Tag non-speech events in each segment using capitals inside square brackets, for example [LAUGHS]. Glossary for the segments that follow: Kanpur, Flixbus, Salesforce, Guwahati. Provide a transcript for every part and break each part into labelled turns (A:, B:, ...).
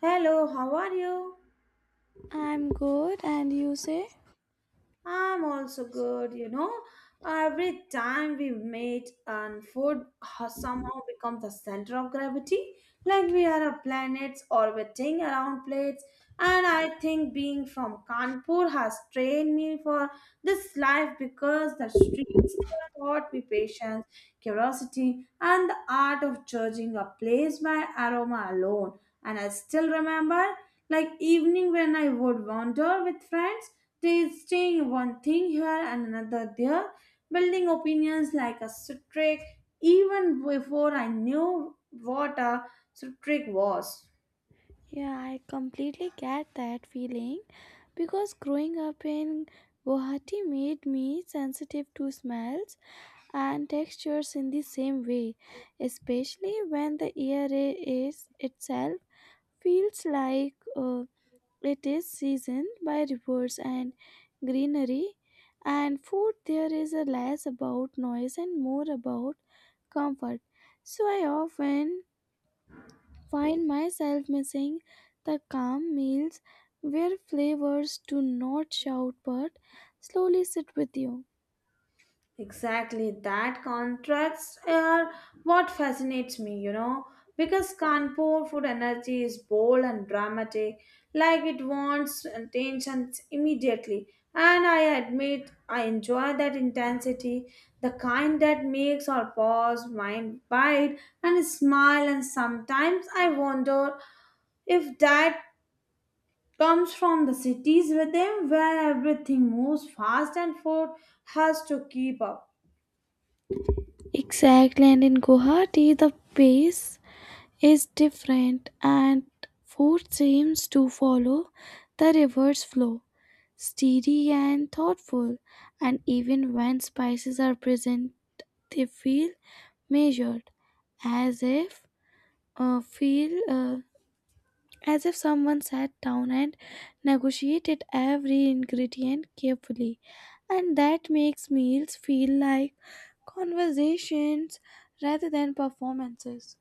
A: Hello, how are you?
B: I'm good, and you say?
A: I'm also good, you know. Every time we meet and food has somehow become the center of gravity, like we are a planet orbiting around plates. And I think being from Kanpur has trained me for this life because the streets there taught me patience, curiosity, and the art of judging a place by aroma alone. And I still remember, like evening when I would wander with friends they one thing here and another there, building opinions like a streak even before I knew what a streak was.
B: Yeah, I completely get that feeling because growing up in Guwahati made me sensitive to smells and textures in the same way, especially when the is itself feels like it is seasoned by rivers and greenery, and food there is a less about noise and more about comfort. So I often find myself missing the calm meals where flavors do not shout but slowly sit with you.
A: Exactly, that contrasts are what fascinates me, you know, because Kanpur food energy is bold and dramatic, like it wants attention immediately. And I admit I enjoy that intensity, the kind that makes our pause, mind bite, and smile. And sometimes I wonder if that comes from the cities with them where everything moves fast and food has to keep up.
B: Exactly, and in Guwahati, the pace is different and food seems to follow the river's flow, steady and thoughtful, and even when spices are present, they feel measured, as if uh, feel uh, as if someone sat down and negotiated every ingredient carefully. And that makes meals feel like conversations rather than performances.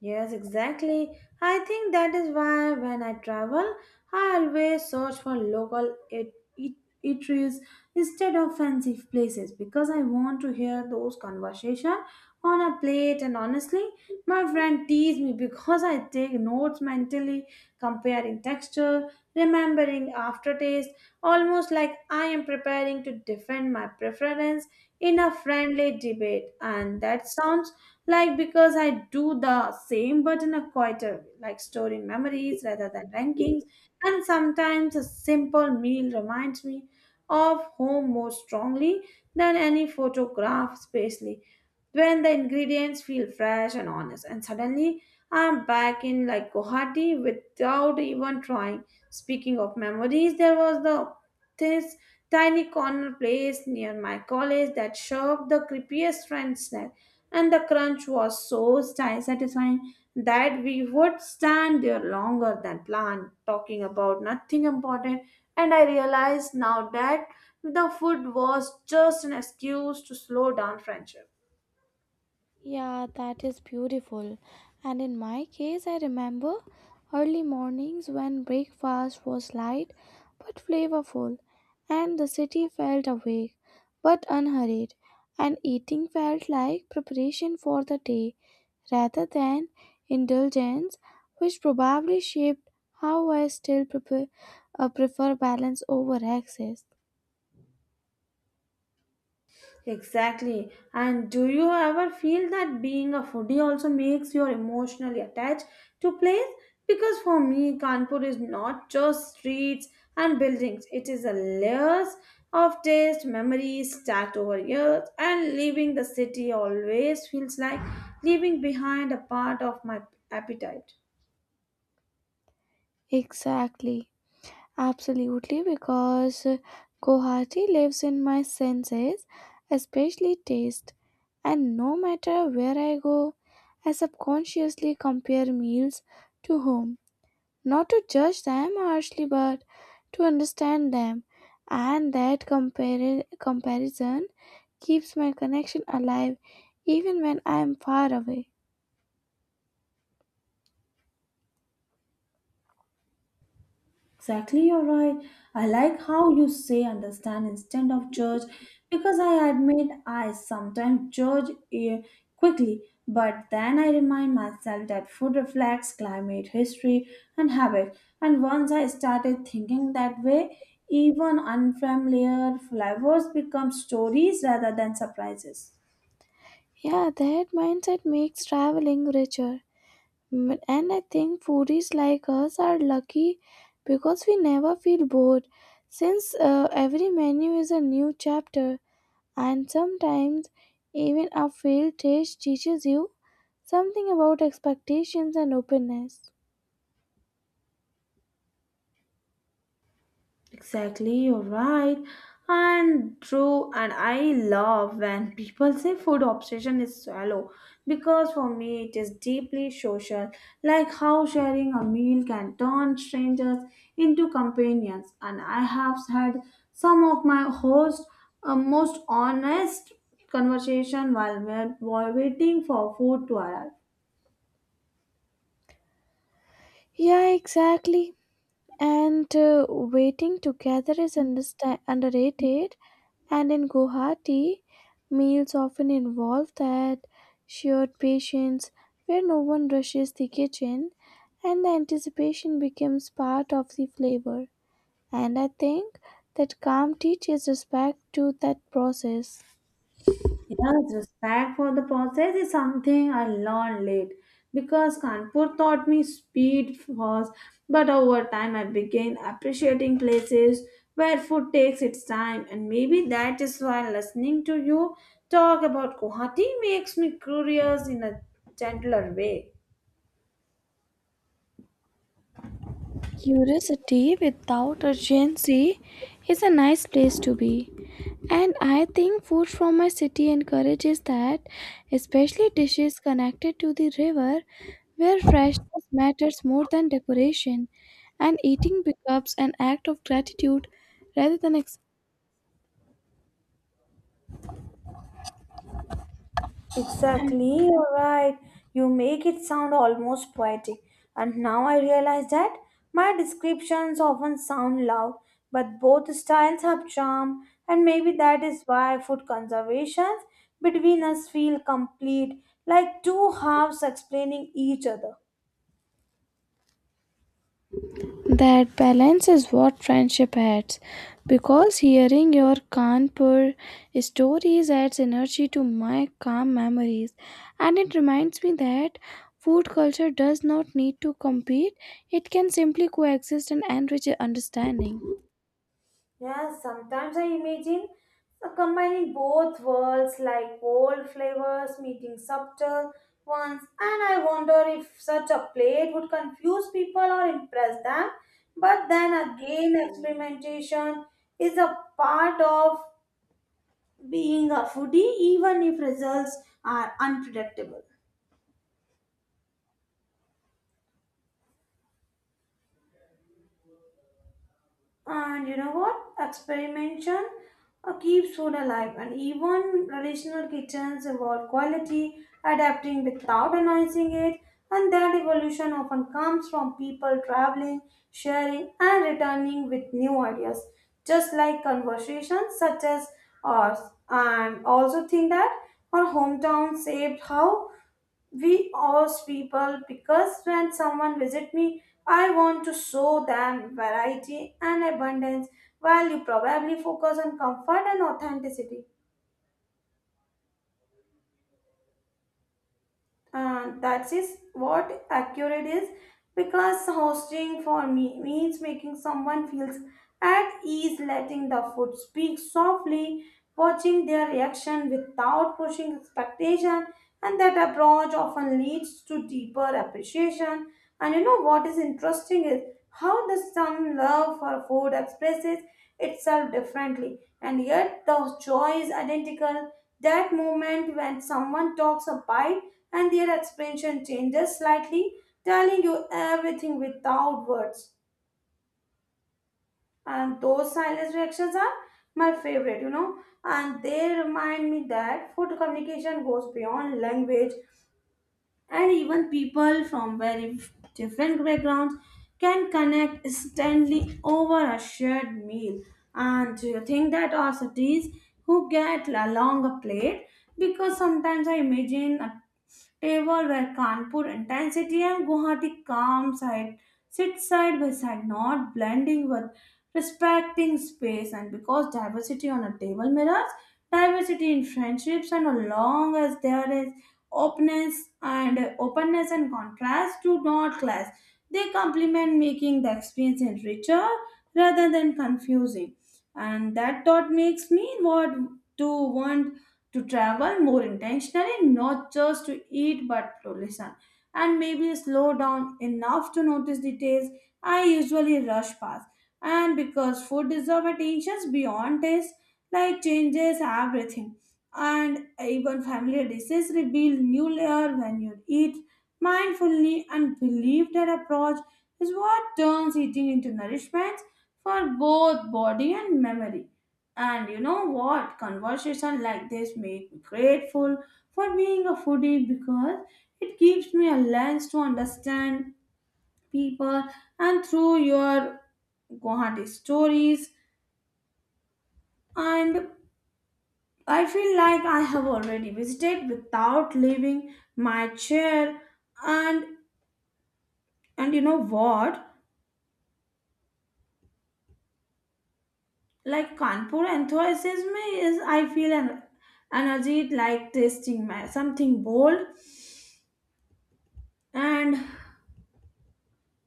A: Yes, exactly. I think that is why when I travel, I always search for local eateries instead of fancy places because I want to hear those conversation on a plate. And honestly, my friend teased me [LAUGHS] because I take notes mentally, comparing texture, remembering aftertaste, almost like I am preparing to defend my preference in a friendly debate. And that sounds like because I do the same but in a quieter way, like storing memories rather than rankings. And sometimes a simple meal reminds me of home more strongly than any photograph, especially when the ingredients feel fresh and honest and suddenly I'm back in like Guwahati without even trying. Speaking of memories, there was the this tiny corner place near my college that served the creepiest french snack and the crunch was so satisfying that we would stand there longer than planned talking about nothing important. And I realized now that the food was just an excuse to slow down friendship.
B: Yeah, that is beautiful. And in my case, I remember early mornings when breakfast was light but flavorful, and the city felt awake but unhurried, and eating felt like preparation for the day rather than indulgence, which probably shaped how I still prefer balance over excess.
A: Exactly. And do you ever feel that being a foodie also makes you emotionally attached to place? Because for me, Kanpur is not just streets and buildings. It is a layers of taste, memories stacked over years, and leaving the city always feels like leaving behind a part of my appetite.
B: Exactly. Absolutely, because Guwahati lives in my senses, especially taste. And no matter where I go, I subconsciously compare meals to home, not to judge them harshly, but to understand them. And that comparison keeps my connection alive even when I am far away.
A: Exactly, you're right. I like how you say understand instead of judge because I admit I sometimes quickly, but then I remind myself that food reflects climate, history, and habit. And once I started thinking that way, even unfamiliar flavors become stories rather than surprises.
B: Yeah, that mindset makes traveling richer. Mm, and I think foodies like us are lucky because we never feel bored since every menu is a new chapter and sometimes even a failed taste teaches you something about expectations and openness.
A: Exactly, you're right. And true, and I love when people say food obsession is shallow because for me it is deeply social, like how sharing a meal can turn strangers into companions. And I have had some of my host most honest conversation while waiting for food to arrive.
B: Yeah, exactly. And waiting together is underrated. And in Guwahati, meals often involve that shared patience where no one rushes the kitchen and the anticipation becomes part of the flavor. And I think that calm teaches respect to that process.
A: Yes, respect for the process is something I learned late because Kanpur taught me speed first, but over time I began appreciating places where food takes its time, and maybe that is why listening to you talk about Guwahati makes me curious in a gentler way.
B: Curiosity without urgency is a nice place to be. And I think food from my city encourages that, especially dishes connected to the river where freshness matters more than decoration, and eating becomes an act of gratitude rather than excitement.
A: Exactly, you're right. You make it sound almost poetic. And now I realize that my descriptions often sound loud, but both styles have charm, and maybe that is why food conservations between us feel complete, like two halves explaining each other.
B: That balance is what friendship adds. Because hearing your Kanpur stories adds energy to my calm memories. And it reminds me that food culture does not need to compete, it can simply coexist and enrich understanding.
A: Yeah, sometimes I imagine combining both worlds like old flavors meeting subtle ones, and I wonder if such a plate would confuse people or impress them. But then again, experimentation is a part of being a foodie, even if results are unpredictable. And you know what? Experimentation keeps food alive, and even traditional kitchens evolve quality, adapting without announcing it. And that evolution often comes from people traveling, sharing, and returning with new ideas, just like conversations such as ours. And also think that our hometown saved how we ask people because when someone visit me, I want to show them variety and abundance while you probably focus on comfort and authenticity. And that is what accurate is, because hosting for me means making someone feels at ease, letting the food speak softly, watching their reaction without pushing expectation, and that approach often leads to deeper appreciation. And you know what is interesting is how the some love for food expresses itself differently and yet the joy is identical. That moment when someone talks a bite and their expression changes slightly, telling you everything without words. And those silent reactions are my favorite, you know, and they remind me that food communication goes beyond language, and even people from very different backgrounds can connect instantly over a shared meal. And do you think that our cities who get along a plate? Because sometimes I imagine a table where Kanpur intensity and Guwahati calm side sit side by side, not blending with respecting space. And because diversity on a table mirrors diversity in friendships, and as long as there is openness and contrast do not clash, they complement, making the experience richer rather than confusing. And that thought makes me what to want to travel more intentionally, not just to eat but to listen, and maybe slow down enough to notice details I usually rush past. And because food deserves attention beyond taste, like changes everything, and even familiar dishes reveal new layer when you eat mindfully and believe that approach is what turns eating into nourishment for both body and memory. And you know what? Conversation like this make me grateful for being a foodie because it gives me a lens to understand people and through your Guwahati stories. And I feel like I have already visited without leaving my chair. And and you know what? Like Kanpur enthusiasm is I feel an energy like tasting my something bold and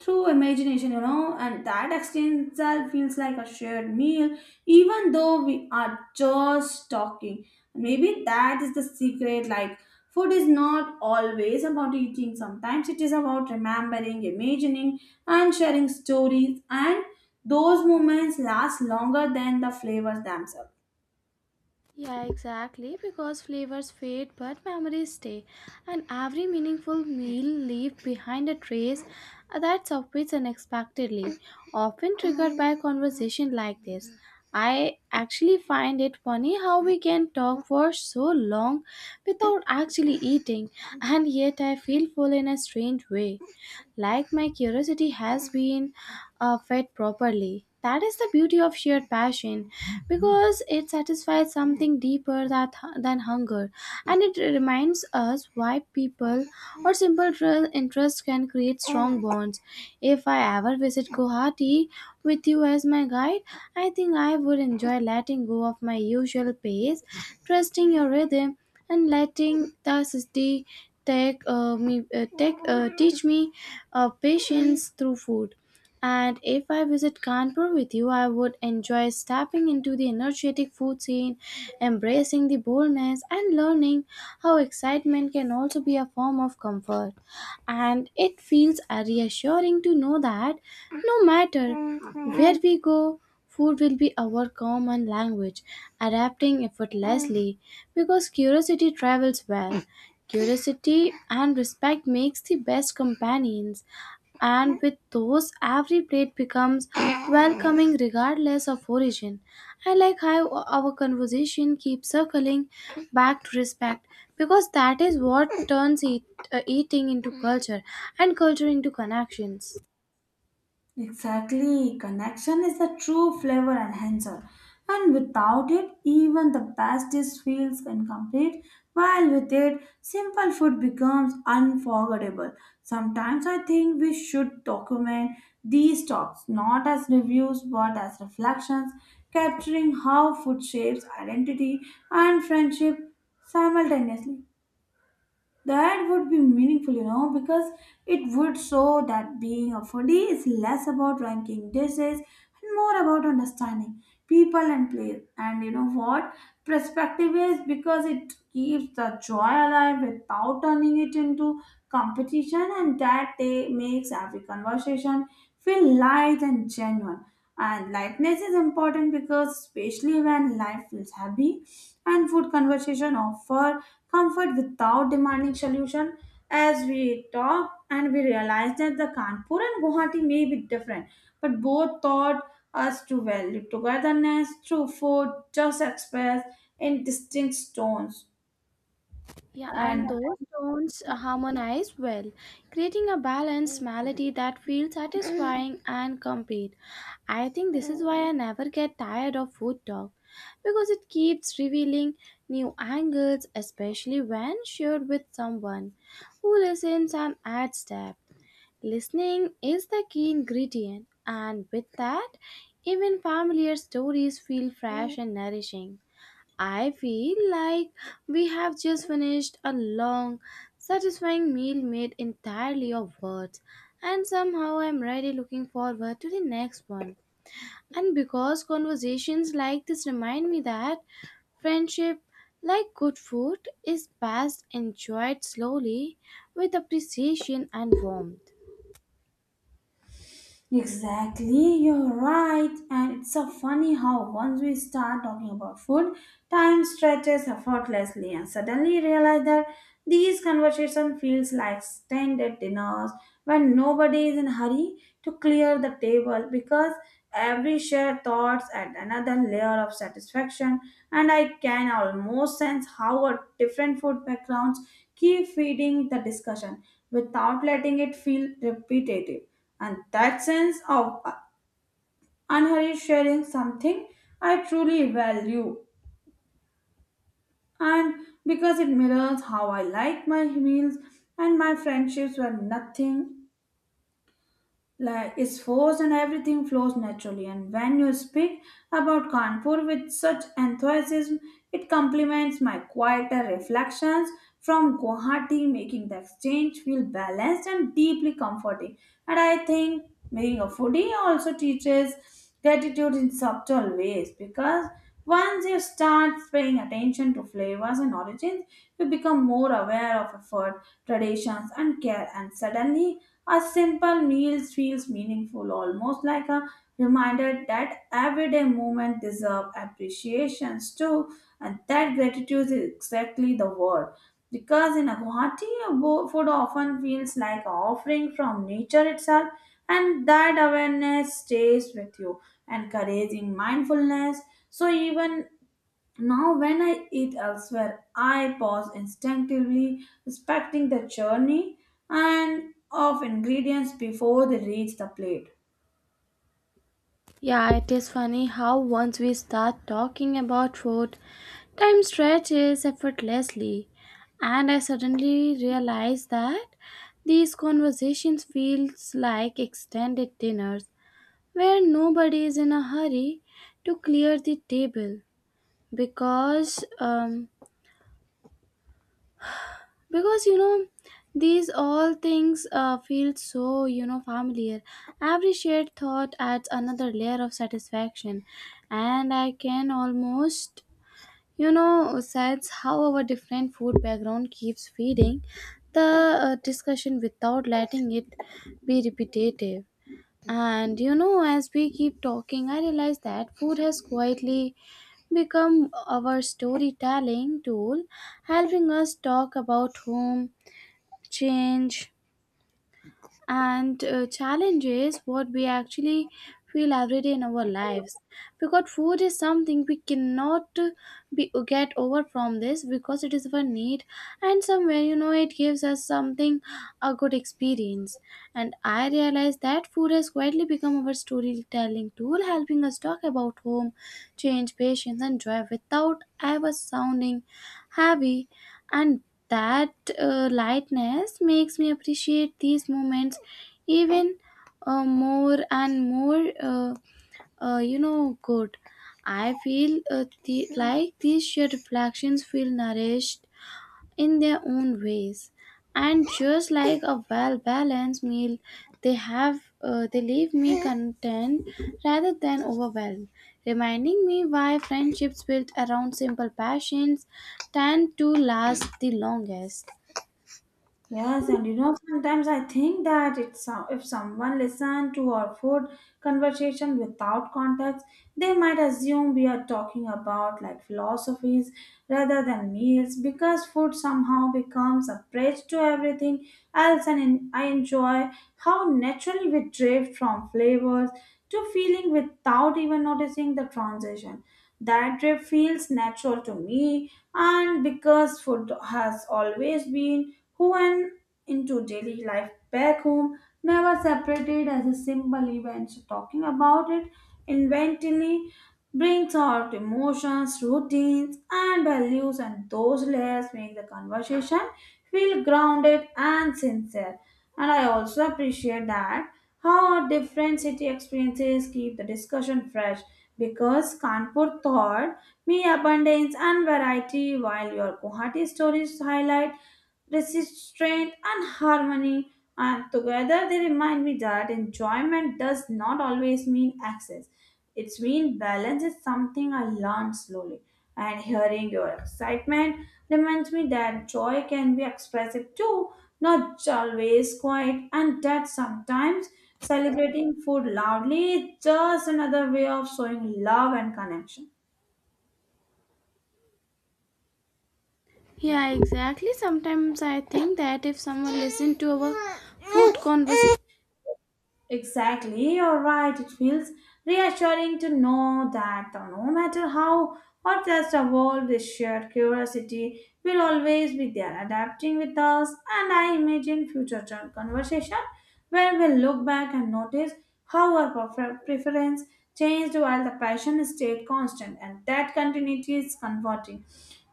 A: through imagination, you know, and that exchange itself feels like a shared meal, even though we are just talking. Maybe that is the secret. Like, food is not always about eating, sometimes it is about remembering, imagining, and sharing stories, and those moments last longer than the flavors themselves.
B: Yeah, exactly, because flavors fade but memories stay, and every meaningful meal leaves behind a trace that surfaces unexpectedly, often triggered by a conversation like this. I actually find it funny how we can talk for so long without actually eating, and yet I feel full in a strange way, like my curiosity has been fed properly. That is the beauty of shared passion because it satisfies something deeper that, than hunger, and it reminds us why people or interests can create strong bonds. If I ever visit Guwahati with you as my guide, I think I would enjoy letting go of my usual pace, trusting your rhythm, and letting the city take me take teach me patience through food. And if I visit Kanpur with you, I would enjoy stepping into the energetic food scene, embracing the boldness, and learning how excitement can also be a form of comfort. And it feels reassuring to know that no matter where we go, food will be our common language, adapting effortlessly because curiosity travels well. Curiosity and respect makes the best companions, and with those every plate becomes welcoming regardless of origin. I like how our conversation keeps circling back to respect because that is what turns eating into culture and culture into connections.
A: Exactly. Connection is the true flavor enhancer. And without it, even the best dish feels incomplete, while with it, simple food becomes unforgettable. Sometimes I think we should document these talks not as reviews but as reflections, capturing how food shapes identity and friendship simultaneously. That would be meaningful, you know, because it would show that being a foodie is less about ranking dishes and more about understanding people and place. And you know what? Perspective is because it keeps the joy alive without turning it into competition, and that day makes every conversation feel light and genuine. And lightness is important because, especially when life feels heavy, and food conversation offer comfort without demanding solution. As we talk and we realize that the Kanpur and Guwahati may be different, but both taught us to value togetherness through food, just expressed in distinct tones.
B: Yeah,
A: And
B: and those tones harmonize well, creating a balanced melody that feels satisfying and complete. I think this is why I never get tired of food talk because it keeps revealing new angles, especially when shared with someone who listens and adds depth. Listening is the key ingredient, and with that, even familiar stories feel fresh and nourishing. I feel like we have just finished a long, satisfying meal made entirely of words, and somehow I'm really looking forward to the next one. And because conversations like this remind me that friendship, like good food, is best enjoyed slowly with appreciation and warmth.
A: exactly, you're right. And it's so funny how once we start talking about food, time stretches effortlessly and suddenly realize that these conversation feels like extended dinners when nobody is in a hurry to clear the table because every shared thoughts add another layer of satisfaction and I can almost sense how our different food backgrounds keep feeding the discussion without letting it feel repetitive and that sense of unhurried sharing something I truly value. And because it mirrors how I like my meals and my friendships were nothing like its force and everything flows naturally. And when you speak about Kanpur with such enthusiasm it complements my quieter reflections from Guwahati, making the exchange feel balanced and deeply comforting. And I think being a foodie also teaches gratitude in subtle ways because once you start paying attention to flavors and origins you become more aware of effort, traditions and care, and suddenly a simple meal feels meaningful, almost like a reminder that everyday moments deserve appreciations too, and that gratitude is exactly the word. Because in a Guwahati, a food often feels like an offering from nature itself, and that awareness stays with you, encouraging mindfulness. So even now, when I eat elsewhere, I pause instinctively, respecting the journey and of ingredients before they reach the plate.
B: Yeah, it is funny how once we start talking about food, time stretches effortlessly, and I suddenly realize that these conversations feels like extended dinners where nobody is in a hurry to clear the table because um because these all things feel so familiar. Every shared thought adds another layer of satisfaction, and I can almost says how our different food background keeps feeding the discussion without letting it be repetitive. And you know, as we keep talking, I realize that food has quietly become our storytelling tool, helping us talk about home, change, and challenges what we actually feel every day in our lives, because food is something we cannot be get over from this because it is our need. And somewhere, it gives us something, a good experience. And I realized that food has quietly become our storytelling tool, helping us talk about home, change, patience, and joy without ever sounding heavy. And that lightness makes me appreciate these moments even more and more. Good, I feel like these shared reflections feel nourished in their own ways, and just like a well balanced meal, they leave me content rather than overwhelmed, reminding me why friendships built around simple passions tend to last the longest.
A: Yes, and you know, sometimes I think that if someone listened to our food conversation without context, they might assume we are talking about like philosophies rather than meals because food somehow becomes a bridge to everything else. And in, I enjoy how naturally we drift from flavors to feeling without even noticing the transition. That trip feels natural to me, and because food has always been who and into daily life back home, never separated as a simple event. So talking about it inventively brings out emotions, routines, and values, and those layers make the conversation feel grounded and sincere. And I also appreciate that how different city experiences keep the discussion fresh because Kanpur taught me abundance and variety while your Guwahati stories highlight restraint and harmony, and together they remind me that enjoyment does not always mean access. It's mean balance is something I learned slowly and hearing your excitement reminds me that joy can be expressive too, not always quiet, and that sometimes celebrating food loudly is just another way of showing love and connection.
B: Yeah, exactly, sometimes I think that if someone listened to our food conversation
A: Exactly, you're right. It feels reassuring to know that no matter how or just the world, this shared curiosity will always be there, adapting with us. And I imagine future joint conversation where we'll look back and notice how our preference changed while the passion stayed constant, and that continuity is comforting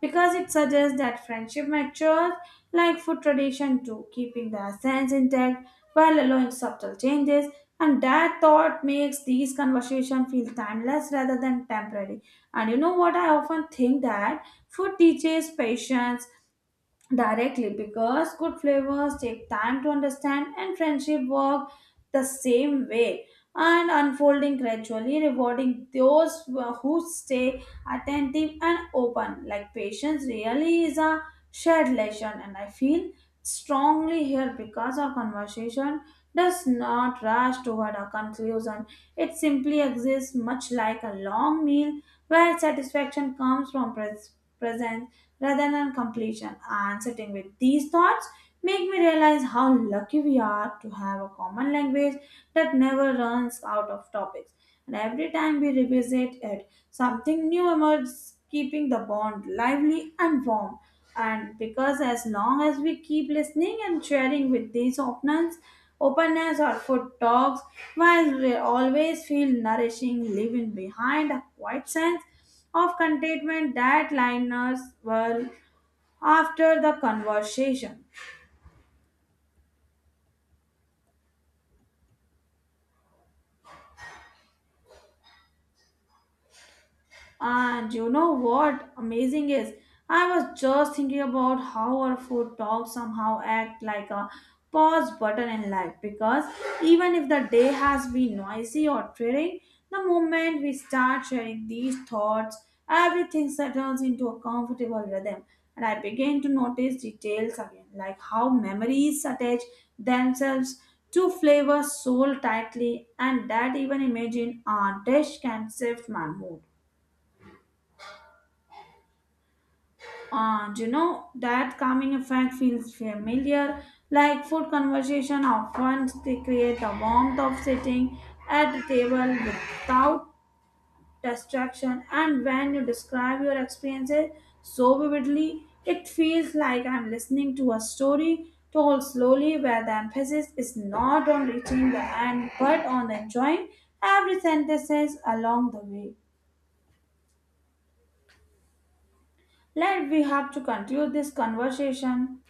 A: because it suggests that friendship matures like food tradition too, keeping the essence intact while allowing subtle changes. And that thought makes these conversations feel timeless rather than temporary. And you know what? I often think that food teaches patience directly because good flavors take time to understand and friendship work the same way and unfolding gradually rewarding those who stay attentive and open. Like patience really is a shared lesson and I feel strongly here because our conversation does not rush toward a conclusion, it simply exists much like a long meal where satisfaction comes from presence rather than completion. And sitting with these thoughts make me realize how lucky we are to have a common language that never runs out of topics. And every time we revisit it, something new emerges, keeping the bond lively and warm. And because as long as we keep listening and sharing with these openness or food talks, while we always feel nourishing, leaving behind a quiet sense of contentment that liners were after the conversation. And you know what amazing is? I was just thinking about how our food talks somehow act like a pause button in life because even if the day has been noisy or tiring, the moment we start sharing these thoughts, everything settles into a comfortable rhythm. And I begin to notice details again, like how memories attach themselves to flavors so tightly, and that even imagine a dish can shift my mood. And you know, that calming effect feels familiar. Like food conversation, often they create the warmth of sitting at the table without distraction. And when you describe your experiences so vividly, it feels like I'm listening to a story told slowly where the emphasis is not on reaching the end but on enjoying every sentence along the way. Let we have to conclude this conversation.